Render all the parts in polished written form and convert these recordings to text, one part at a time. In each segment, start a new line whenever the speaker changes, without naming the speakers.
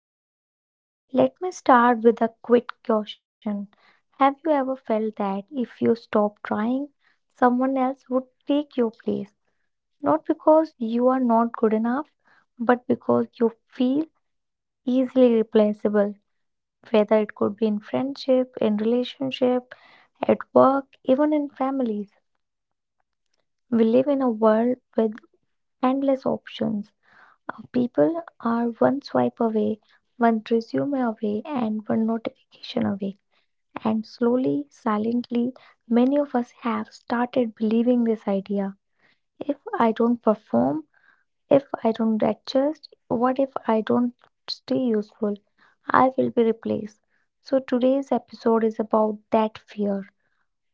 podcast. Let me start with a quick caution. Have you ever felt that if you stop trying, someone else would take your place? Not because you are not good enough, but because you feel easily replaceable, whether it could be in friendship, in relationship, at work, even in families. We live in a world with endless options of people are one swipe away, one resume away, and one notification away. And slowly, silently, many of us have started believing this idea. If I don't perform, if I don't adjust, what if I don't stay useful? I will be replaced. So, today's episode is about that fear.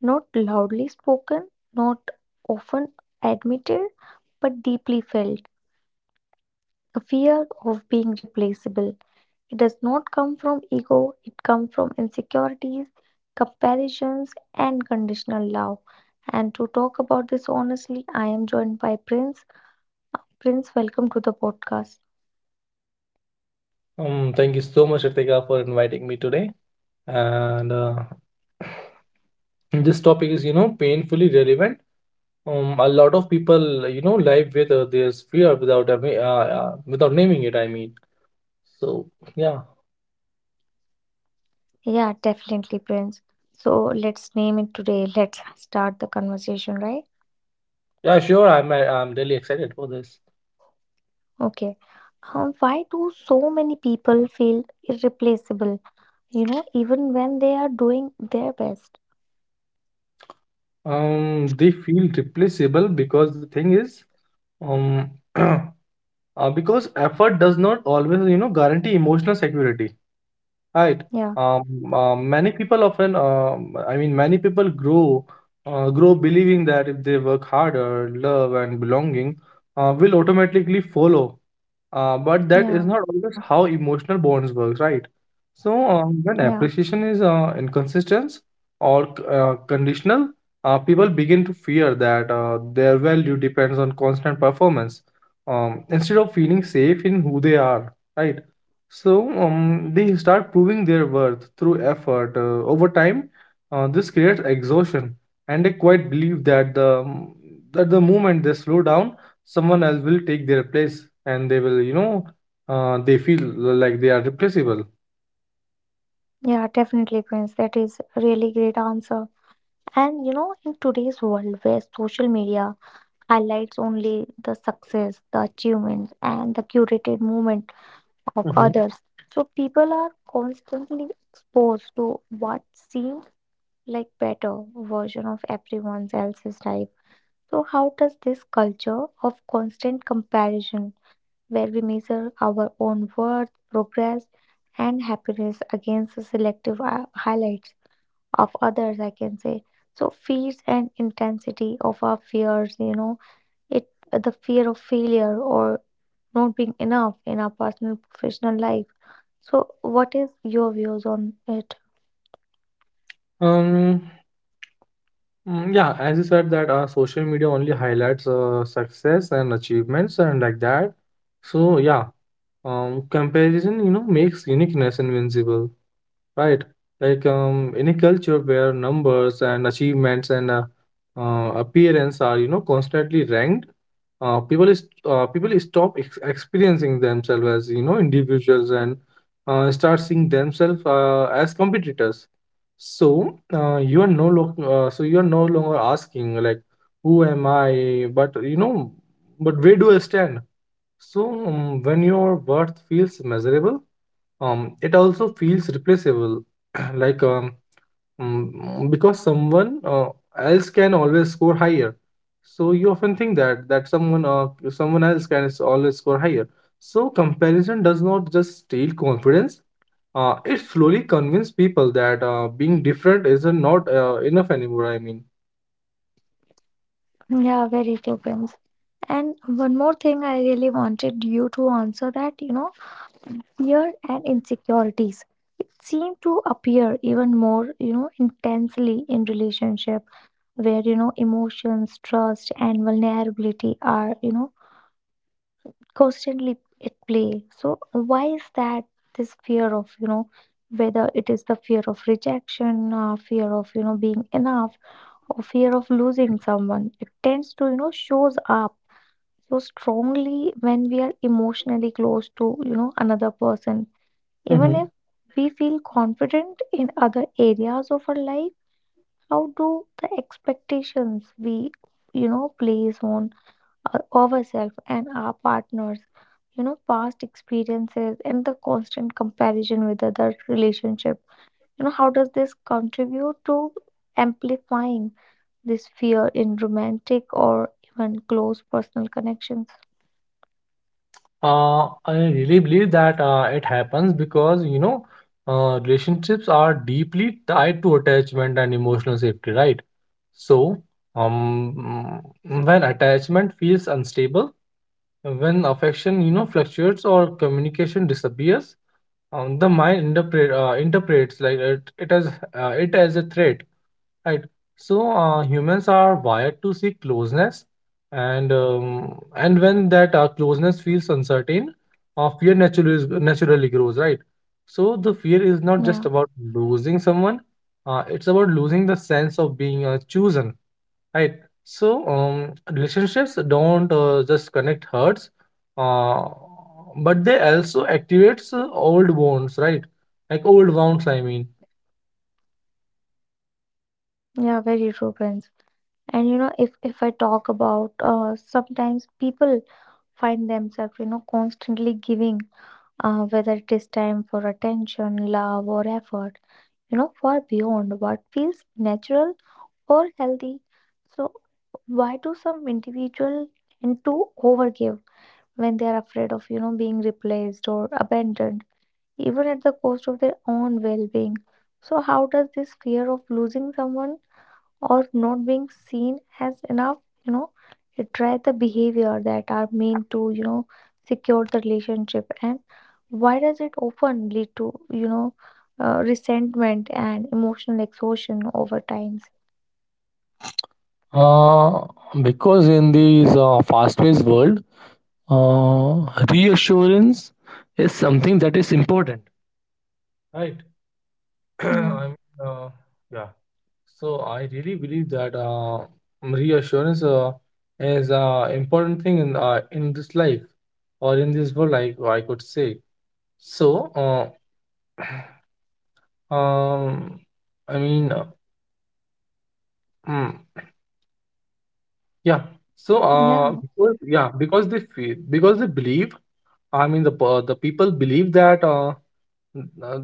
Not loudly spoken, not often admitted, but deeply felt. A fear of being replaceable. It does not come from ego, it comes from insecurities, comparisons, and conditional love. And to talk about this honestly, I am joined by Prince. Prince, welcome to the podcast.
Thank you so much, Ritika, for inviting me today. And this topic is, painfully relevant. A lot of people, live with this fear without without naming it. So yeah,
Yeah, definitely, Prince. So let's name it today. Let's start the conversation, right?
yeah, sure. I'm really excited for this.
Okay. Why do so many people feel irreplaceable, even when they are doing their best?
They feel replaceable because the thing is, um, uh, because effort does not always, guarantee emotional security. Right.
Yeah,
Many people often, I mean, many people grow grow believing that if they work harder, love and belonging will automatically follow. But that is
yeah,
not always how emotional bonds work, right? So
yeah,
when appreciation is inconsistent or conditional, people begin to fear that their value depends on constant performance, instead of feeling safe in who they are, right? So they start proving their worth through effort. Over time, this creates exhaustion, and they quite believe that the moment they slow down, someone else will take their place, and they will they feel like they are replaceable.
yeah, definitely, Prince. That is a really great answer. And in today's world where social media highlights only the success, the achievements, and the curated movement of
Hmm.
others, so people are constantly exposed to what seems like better version of everyone else's life. So how does this culture of constant comparison, where we measure our own worth, progress, and happiness against the selective highlights of others, I can say. So, fears and intensity of our fears, it, the fear of failure or not being enough in our personal professional life. So what is your views on it?
um Yeah, as you said that social media only highlights success and achievements and like that. So yeah, comparison, makes uniqueness invincible. Right. Any culture where numbers and achievements and appearance are, constantly ranked, uh, people is people stop ex experiencing themselves as, individuals and start seeing themselves as competitors. So you are no longer asking like, who am I? But where do I stand? So when your worth feels measurable, it also feels replaceable. like um because someone else can always score higher. So you often think that someone else can always score higher. So comparison does not just steal confidence, it slowly convinces people that being different is not enough anymore.
Yeah, very true, Prince. And one more thing, I really wanted you to answer that, fear and insecurities, it seemed to appear even more, intensely in relationship, where emotions trust and vulnerability are, constantly at play. So why is that this fear of, whether it is the fear of rejection, fear of, being enough, or fear of losing someone, it tends to, shows up so strongly when we are emotionally close to, another person. Even if we feel confident in other areas of our life, how do the expectations we, place on ourselves and our partners, past experiences and the constant comparison with other relationship, how does this contribute to amplifying this fear in romantic or even close personal connections?
I really believe that it happens because relationships are deeply tied to attachment and emotional safety, right? So, um, when attachment feels unstable, when affection, fluctuates or communication disappears, the mind interpret interprets it as a threat. Right. Humans are wired to seek closeness, and when that closeness feels uncertain, naturally grows. Right. So the fear is not just
Yeah,
about losing someone; it's about losing the sense of being chosen. Right. So relationships don't just connect hearts, uh, but they also activates old wounds. Right. Like old wounds, I mean.
yeah, very true, friends. And if I talk about sometimes people find themselves, constantly giving, whether it is time for attention love or effort, far beyond what feels natural or healthy. So, why do some individual tend to overgive when they are afraid of, being replaced or abandoned, even at the cost of their own well-being? So, how does this fear of losing someone or not being seen as enough, you know, drive the behavior that are meant to, secure the relationship? And why does it often lead to, resentment and emotional exhaustion over times?
Uh, because in this fast-paced world, reassurance is something that is important, right?
Yeah.
I mean, uh, yeah. So I really believe that reassurance is an important thing in this life or in this world, I could say. So, uh, um, I mean, uh, mm, yeah. So,
Yeah.
because, yeah, because they feel, because they believe, I mean, the people believe that, n- uh,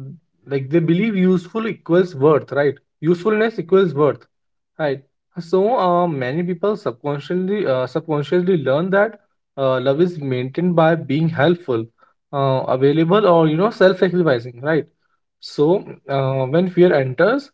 like they believe useful equals worth, right? Usefulness equals worth, right? So, many people subconsciously learn that love is maintained by being helpful, available, or, self-sacrificing, right? So when fear enters,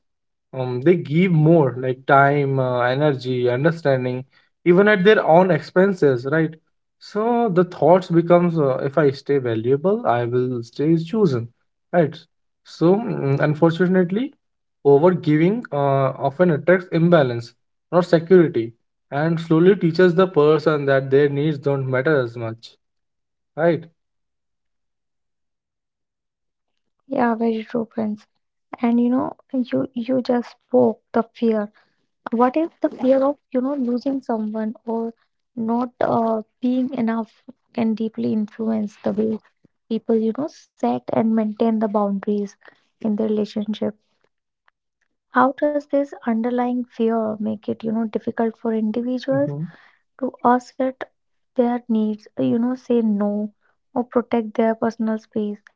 they give more, like time, energy, understanding, even at their own expenses, right? So the thoughts becomes, if I stay valuable, I will stay chosen, right? So unfortunately, over giving often attracts imbalance, not security, and slowly teaches the person that their needs don't matter as much, right?
Yeah, very true, Prince. And you just spoke the fear. What if the fear of losing someone or not being enough can deeply influence the way people set and maintain the boundaries in their relationship? How does this underlying fear make it difficult for individuals
Mm-hmm.
to assert their needs, say no or protect their personal space?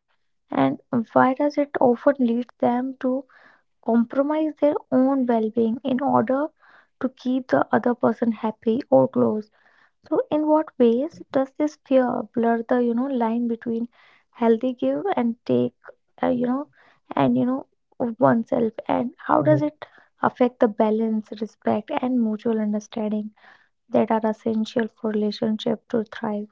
And why does it often lead them to compromise their own well being in order to keep the other person happy or close? So, in what ways does this fear blur the line between healthy give and take, uh, you know, and of oneself, and how does
Mm-hmm.
it affect the balance, respect, and mutual understanding that are essential for relationship to thrive?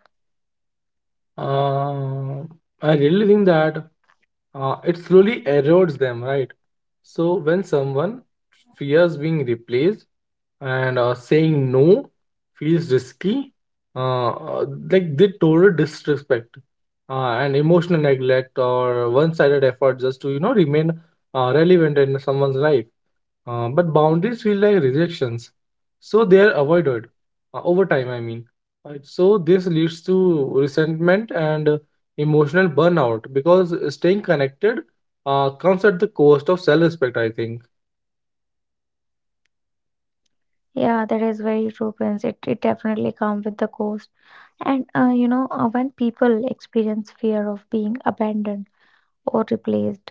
Uh, I really think that it slowly erodes them, right? So when someone fears being replaced and saying no feels risky, uh, uh, like they total disrespect and emotional neglect or one-sided effort just to, you know, remain relevant in someone's life. But boundaries feel like rejections, so they are avoided over time. I mean, so this leads to resentment and emotional burnout because staying connected comes at the cost of self-respect. I think.
Yeah, that is very true, Prince. It definitely comes with the cost. And when people experience fear of being abandoned or replaced,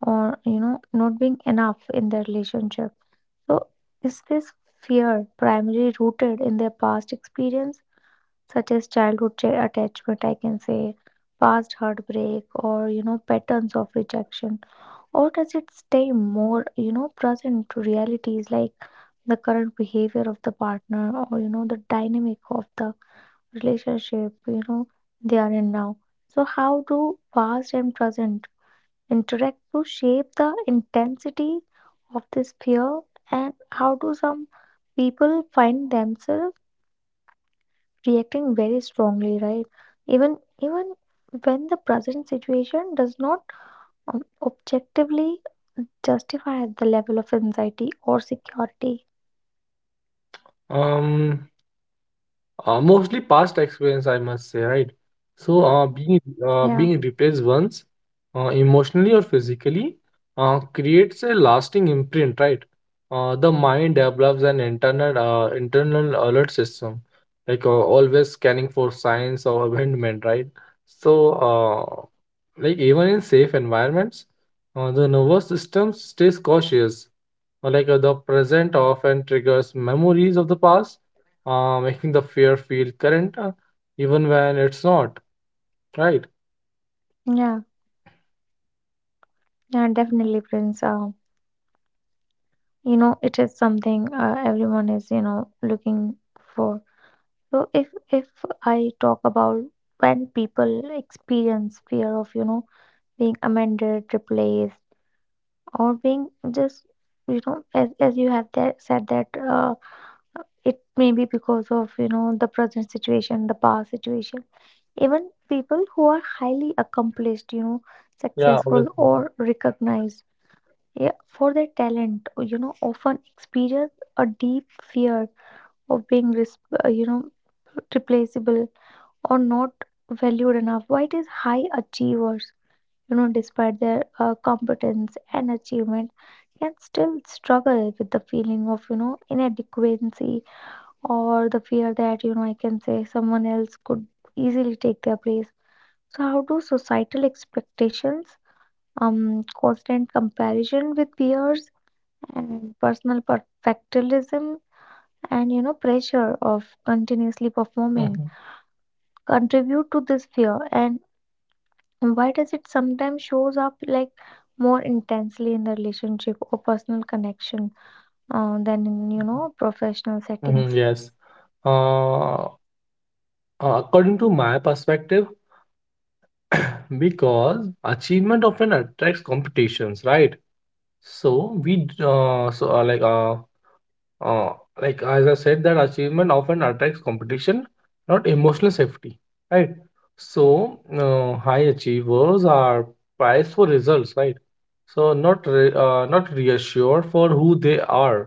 or not being enough in their relationship, so is this fear primarily rooted in their past experience, such as childhood attachment, I can say, past heartbreak, or patterns of rejection, or does it stay more, present to realities like the current behavior of the partner, or the dynamic of the relationship, they are in now. So how do past and present interact to shape the intensity of this fear, and how do some people find themselves reacting very strongly, right, even even when the present situation does not, um, objectively justify the level of anxiety or security?
Um, Mostly past experience, I must say, right? So,
Yeah,
being replaced once, emotionally or physically, creates a lasting imprint, right? The mind develops an internal internal alert system, always scanning for signs of abandonment, right? So, uh, like even in safe environments, the nervous system stays cautious, the present often triggers memories of the past, making the fear feel current, even when it's not, right?
yeah, yeah, definitely, Prince. It is something, everyone is, looking for. So if I talk about when people experience fear of, being amended replaced or being just, as, you have that, said that, it may be because of, the present situation the past situation. Even people who are highly accomplished,
Yeah,
successful
obviously.
or recognized, yeah, for their talent, often experience a deep fear of being, uh, you know, replaceable or not valued enough. Why it is high achievers, despite their competence and achievement, can still struggle with the feeling of, inadequacy or the fear that, I can say someone else could easily take their place. So, how do societal expectations, constant comparison with peers, and personal perfectionism and pressure of continuously performing
Mhm.
contribute to this fear, and why does it sometimes shows up like more intensely in the relationship or personal connection, than in professional settings?
Mhm, yes. Uh, According to my perspective, because achievement often attracts competitions, right? So we, d- so Uh, like as I said, that achievement often attracts competition, not emotional safety, right? So high achievers are prized for results, right? So not reassured for who they are.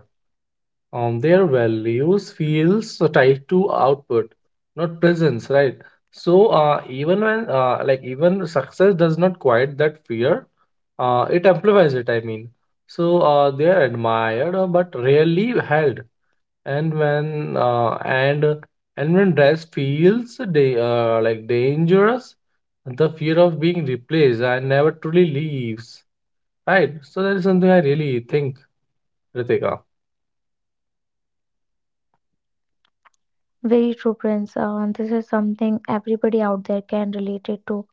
Their values feels tied to output, not presence, right? So even when like even success does not quiet that fear, it amplifies it. I mean, so they are admired but rarely held, and and when dress feels like dangerous, the fear of being replaced and never truly leaves, right? So that is something I really think, Ritika.
Very true, Prince. This is something everybody out there can relate it to.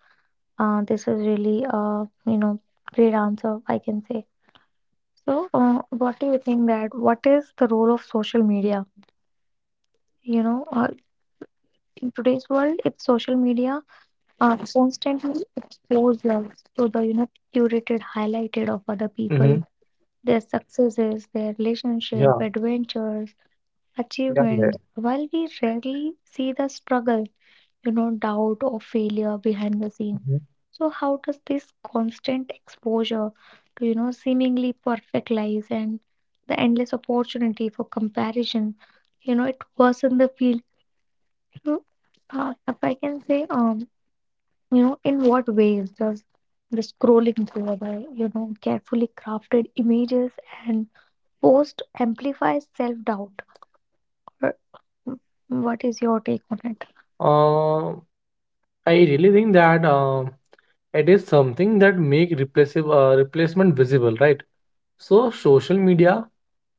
This is really, great answer, I can say. So, what do you think that what is the role of social media, you know uh, in today's world, if social media, constantly expose us to the, curated, highlighted of other
Mm-hmm.
people, their successes, their relationship,
Yeah.
adventures,
Yeah, yeah.
achievements, while we rarely see the struggle, doubt or failure behind the scene.
Mhm.
So how does this constant exposure to, seemingly perfect lives and the endless opportunity for comparison, it worsen the feel? You know, if I can say, in what ways does the scrolling through our, carefully crafted images and post amplify self-doubt? Or what is your take on it?
Uh, I really think that it is something that make replaceable replacement visible, right? So social media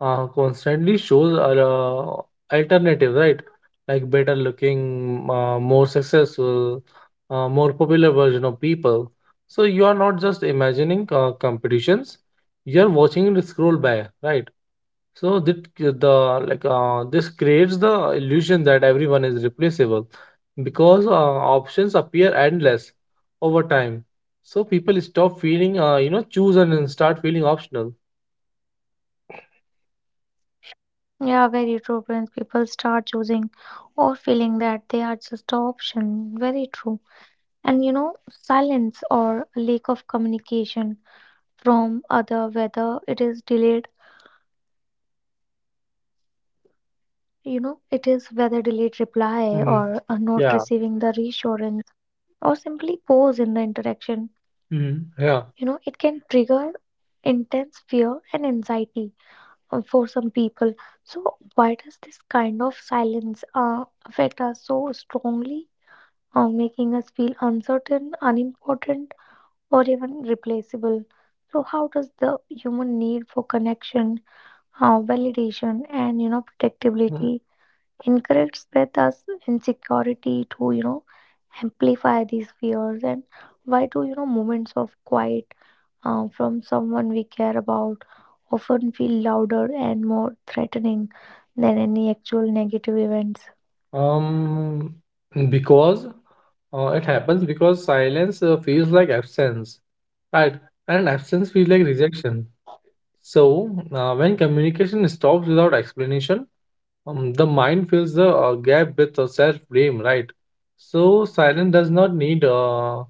constantly shows are alternative, right? Like better looking, more successful, more popular version of people. So you are not just imagining competitions; you are watching it scroll by, right? So that c- the like this creates the illusion that everyone is replaceable because options appear endless over time. So people stop feeling, chosen and start feeling optional.
Yeah, very true, Prince. People start choosing or feeling that they are just an option. Very true. And silence or lack of communication from other, whether it is delayed, it is whether delayed reply
Hmm.
or not
Yeah.
receiving the reassurance or simply pose in the interaction.
Hmm. Yeah.
It can trigger intense fear and anxiety, for some people. So, why does this kind of silence, affect us so strongly, making us feel uncertain, unimportant, or even replaceable? So, how does the human need for connection, validation, and,
Mm.
protectability encourages with us insecurity to, amplify these fears, and why do, moments of quiet, from someone we care about often feel louder and more threatening than any actual negative events?
Um, because it happens because silence feels like absence, right? And absence feels like rejection. So, when communication stops without explanation, the mind fills the gap with self-blame, right? So, silence does not need, uh,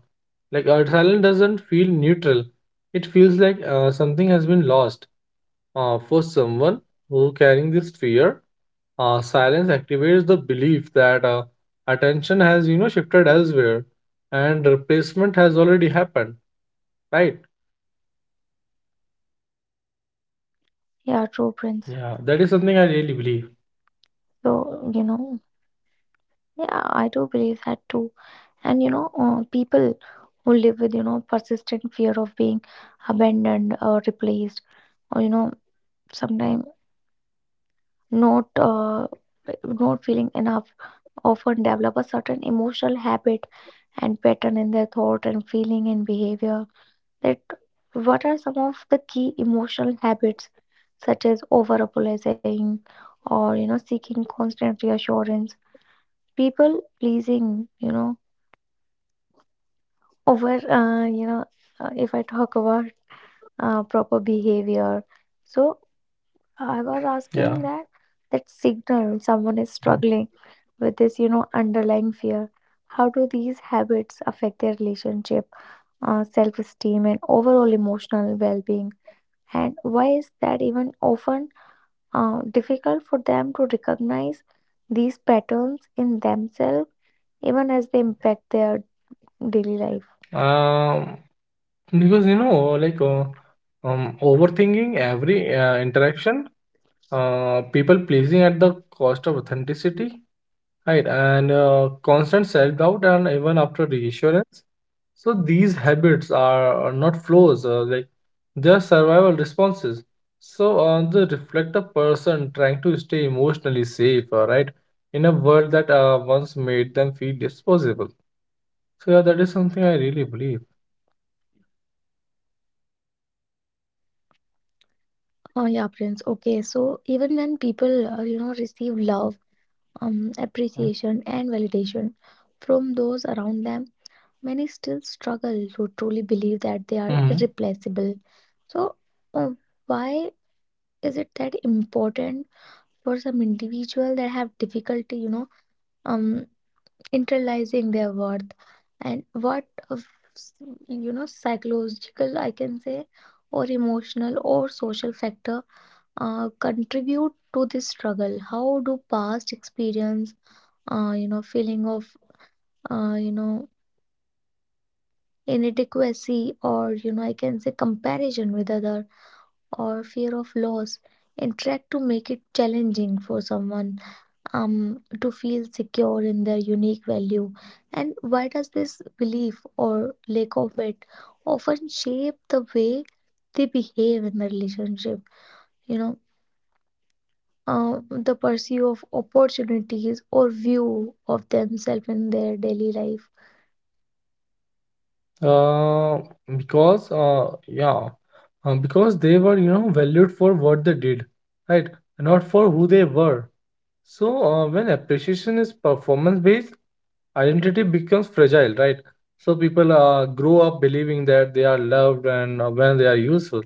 like, uh, silence doesn't feel neutral. It feels like something has been lost for someone who carrying this fear. Silence activates the belief that attention has, you know, shifted elsewhere, and replacement has already happened. Right?
Yeah, true, Prince.
Yeah, that is something I really
So,
believe.
yeah, I do believe that too. And people who live with, persistent fear of being abandoned or replaced, or, sometimes not uh, not feeling enough, often develop a certain emotional habit and pattern in their thought and feeling and behavior. That, what are some of the key emotional habits such as over apologizing or, seeking constant reassurance people pleasing, over, if I talk about, proper behavior, so I was asking
Yeah.
that signal someone is
Mhm.
struggling with this, underlying fear. How do these habits affect their relationship, self-esteem and overall emotional well-being, and why is that even often, difficult for them to recognize these patterns in themselves even as they impact their daily life?
Um, because you know, like Overthinking every interaction, people pleasing at the cost of authenticity, right? And constant self doubt, and even after reassurance. So these habits are not flaws, like they're survival responses. So they reflect a person trying to stay emotionally safe, right, in a world that once made them feel disposable. So yeah, that is something I really believe.
Oh yeah, Prince. Okay, so even when people, receive love, appreciation, and validation from those around them, many still struggle to truly believe that they are
Mm-hmm.
irreplaceable. So, um, why is it that important for some individual that have difficulty, um, internalizing their worth and what, of, s- psychological, I can say, or emotional or social factor, contribute to this struggle? How do past experience, feeling of, uh, you know. Inadequacy, or I can say, comparison with other, or fear of loss, and try to make it challenging for someone to feel secure in their unique value. And why does this belief or lack of it often shape the way they behave in the relationship, you know the pursuit of opportunities or view of themselves in their daily life?
Uh, because uh, yeah, because they were, you know, valued for what they did, right, not for who they were. So when appreciation is performance based, identity becomes fragile, right? So people grow up believing that they are loved, and when they are useful,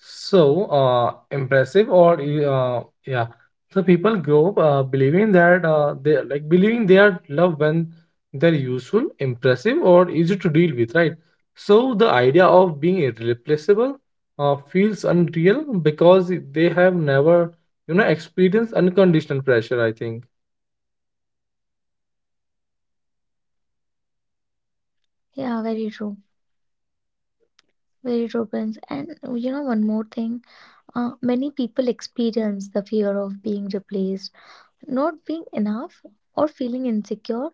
so impressive or e, yeah so people grow up believing that they like believing they are loved when they're useful, impressive, or easy to deal with, right? So the idea of being irreplaceable feels unreal because they have never, you know, experienced unconditional pressure, I think.
Yeah, very true. Very true, Prince. And one more thing. Many people experience the fear of being replaced, not being enough, or feeling insecure.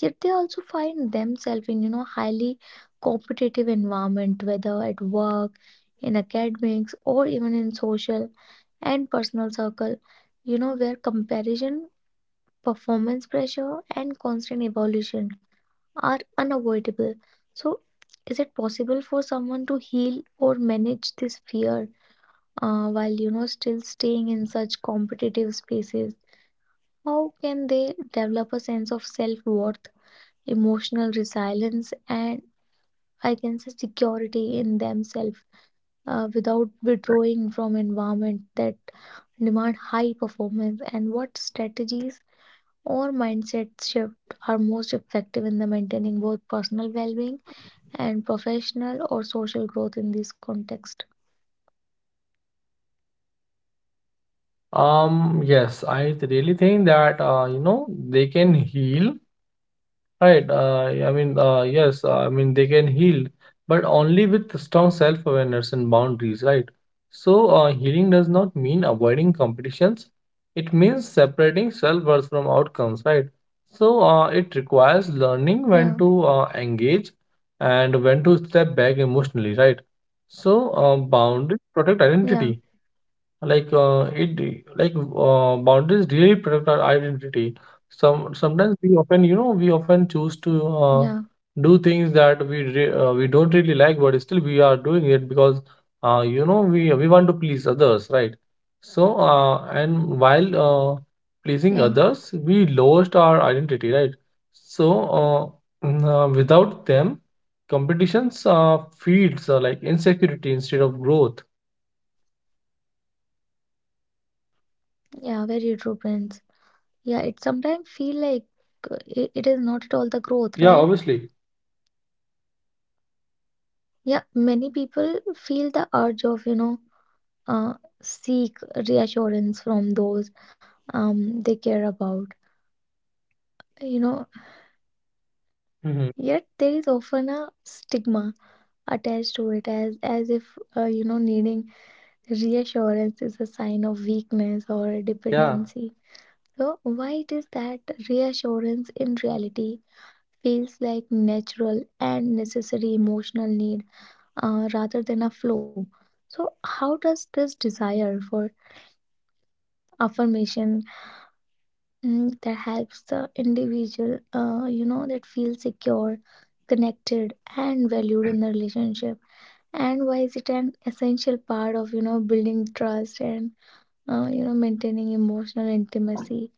Yet they also find themselves in highly competitive environment, whether at work, in academics, or even in social and personal circle. Where comparison, performance pressure, and constant evolution are unavoidable. So, is it possible for someone to heal or manage this fear while still staying in such competitive spaces? How can they develop a sense of self-worth, emotional resilience, and I can say security in themselves, without withdrawing from environment that demand high performance? And what strategies or mindset shift are most effective in the maintaining both personal well-being and professional or social growth in this context?
Really think that you know they can heal, right? Yes, I mean they can heal, but only with strong self-awareness and boundaries, right? So, healing does not mean avoiding competitions. It means separating self-worth from outcomes, right? So, it requires learning
Yeah,
when to engage and when to step back emotionally, right? So, boundaries protect
yeah,
identity, like it like boundaries really protect our identity. Sometimes we often, you know, we often
yeah,
choose to do things that we don't really like, but still we are doing it because, you know, we we want to please others, right? So uh, and while uh,
yeah.
pleasing others we lost our identity, right? So without them, competitions feeds like insecurity instead of growth.
Yeah, very true, Prince. Yeah, it sometimes feel like it is not at all the growth, right?
Yeah, obviously.
Yeah, many people feel the urge of, uh, seek reassurance from those they care about. You know,
Mhm.
yet there is often a stigma attached to it, as if needing reassurance is a sign of weakness or
Yeah,
dependency. So why it is that reassurance in reality feels like natural and necessary emotional need, rather than a flow. So, how does this desire for affirmation, that helps the individual, that feel secure, connected, and valued in the relationship? And why is it an essential part of, building trust, and, maintaining emotional intimacy,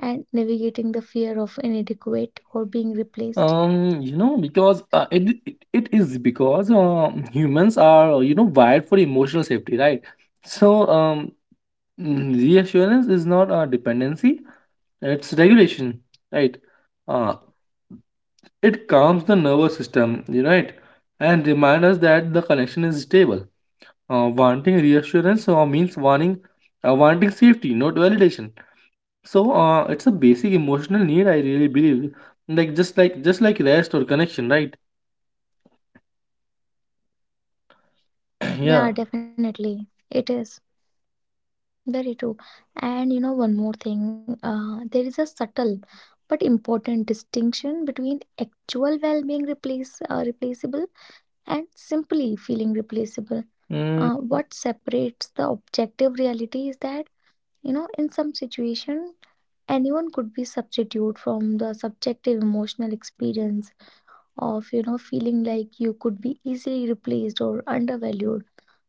and navigating the fear of inadequate or being replaced?
you know, because it, it it is because, humans are, you know, wired for emotional safety, right? So reassurance is not a dependency; it's regulation, right? Uh, it calms the nervous system, you know, right? And reminds us that the connection is stable. Wanting reassurance means wanting Wanting safety, not validation. So it's a basic emotional need, I really believe. Just like rest or connection, right?
Yeah,
Yeah.
definitely. It is. Very true. And, one more thing, there is a subtle but important distinction between actual well-being replace replaceable and simply feeling replaceable.
Mm,
What separates the objective reality is that, in some situation, anyone could be substitute from the subjective emotional experience of, feeling like you could be easily replaced or undervalued.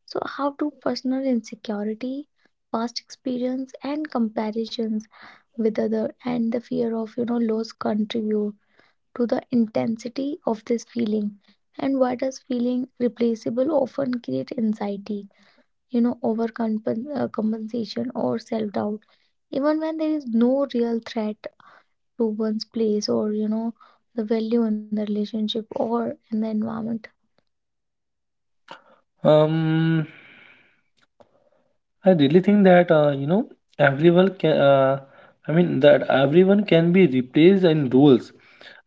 So, how do personal insecurity, past experience, and comparisons with other, and the fear of loss contribute to the intensity of this feeling? And why does feeling replaceable often create anxiety, over compensation or self doubt, even when there is no real threat to one's place or the value in the relationship or in the environment?
um, I really think that, you know, everyone can. I mean that everyone can be replaced in roles,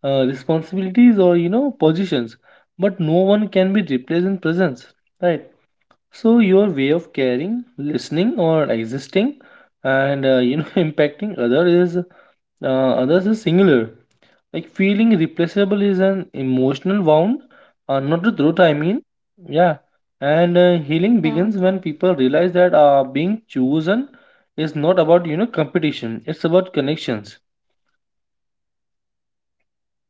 responsibilities, or, you know, positions, but no one can be replaced in presence, right? So your way of caring, listening, or existing, and you know, impacting other is others is singular. Like feeling replaceable is an emotional wound, not a truth. I mean, yeah. And healing begins
Yeah.
when people realize that being chosen is not about, you know, competition. It's about connections.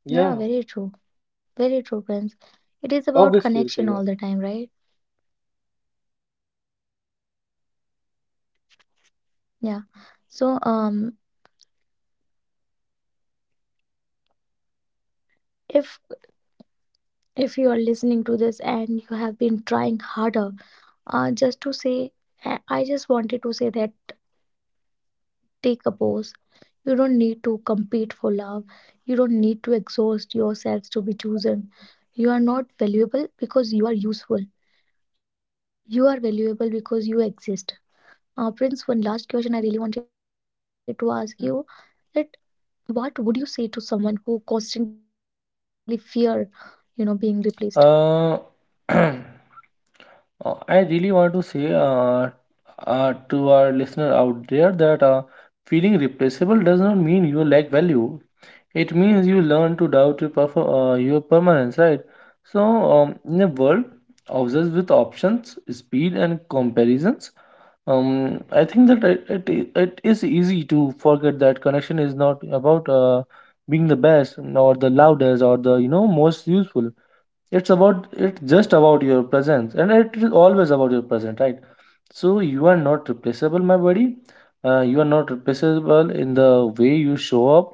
Yeah,
Yeah, very true. Very true, Prince. It
obviously,
is
Ritika.
about connection all the time, right? Yeah. So, if if you are listening to this and you have been trying harder, just to say, I just wanted to say that take a pause. You don't need to compete for love. You don't need to exhaust yourselves to be chosen. You are not valuable because you are useful. You are valuable because you exist. Prince, one last question I really wanted to ask you, that what would you say to someone who constantly fear, being
Uh,
replaced?
I really want to say to our listener out there that feeling replaceable does not mean you lack value. It means you learn to doubt your, your permanence, right? So, in a world obsessed with options, speed, and comparisons, I think that it is easy to forget that connection is not about being the best or the loudest or the, you know, most useful. It's just about your presence, and it is always about your present, right? So you are not replaceable, my buddy. You are not replaceable in the way you show up,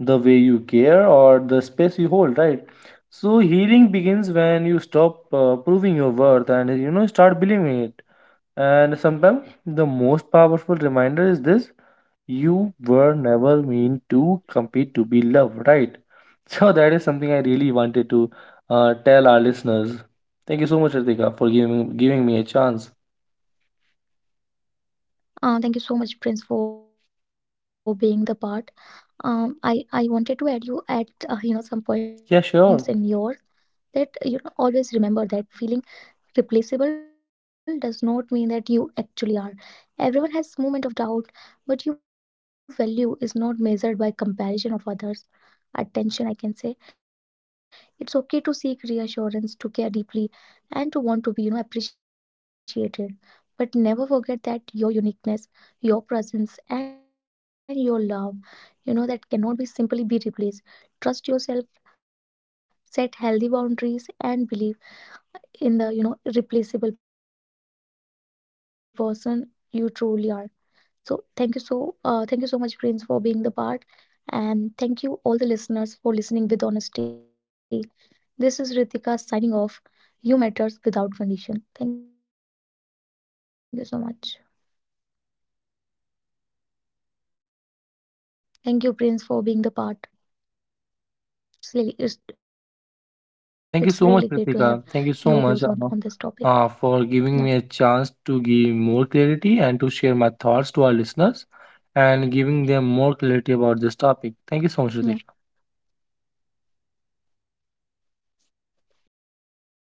the way you care, or the space you hold, right? So healing begins when you stop proving your worth and, you know, start believing it. And sometimes the most powerful reminder is this: you were never meant to compete to be loved, right? So that is something I really wanted to tell our listeners. Thank you so much, Ritika, for giving me a chance.
Thank you so much, Prince, for being the part. I wanted to add you at
Yeah,
some
sure.
points in yours, that, always remember that feeling replaceable does not mean that you actually are. Everyone has moment of doubt. But your value is not measured by comparison of others attention, I can say. It's okay to seek reassurance, to care deeply, and to want to be, appreciated. But never forget that your uniqueness, your presence, and your love, that cannot be simply be replaced. Trust yourself, set healthy boundaries, and believe in the, replaceable person you truly are. So thank you so much, Prince, for being the part, and thank you all the listeners for listening with honesty. This is Ritika signing off. You matters without condition. Thank you so much. Thank you, Prince, for being the part. It's really it's,
Yeah,
it's
thank you
really
so
great
much,
to have
Ritika. Thank you
your
so much
views on this topic.
for giving me a chance
Yeah,
to give more clarity and to share my thoughts to our listeners and giving them more clarity about this topic. Thank you so much,
yeah.
Ritika.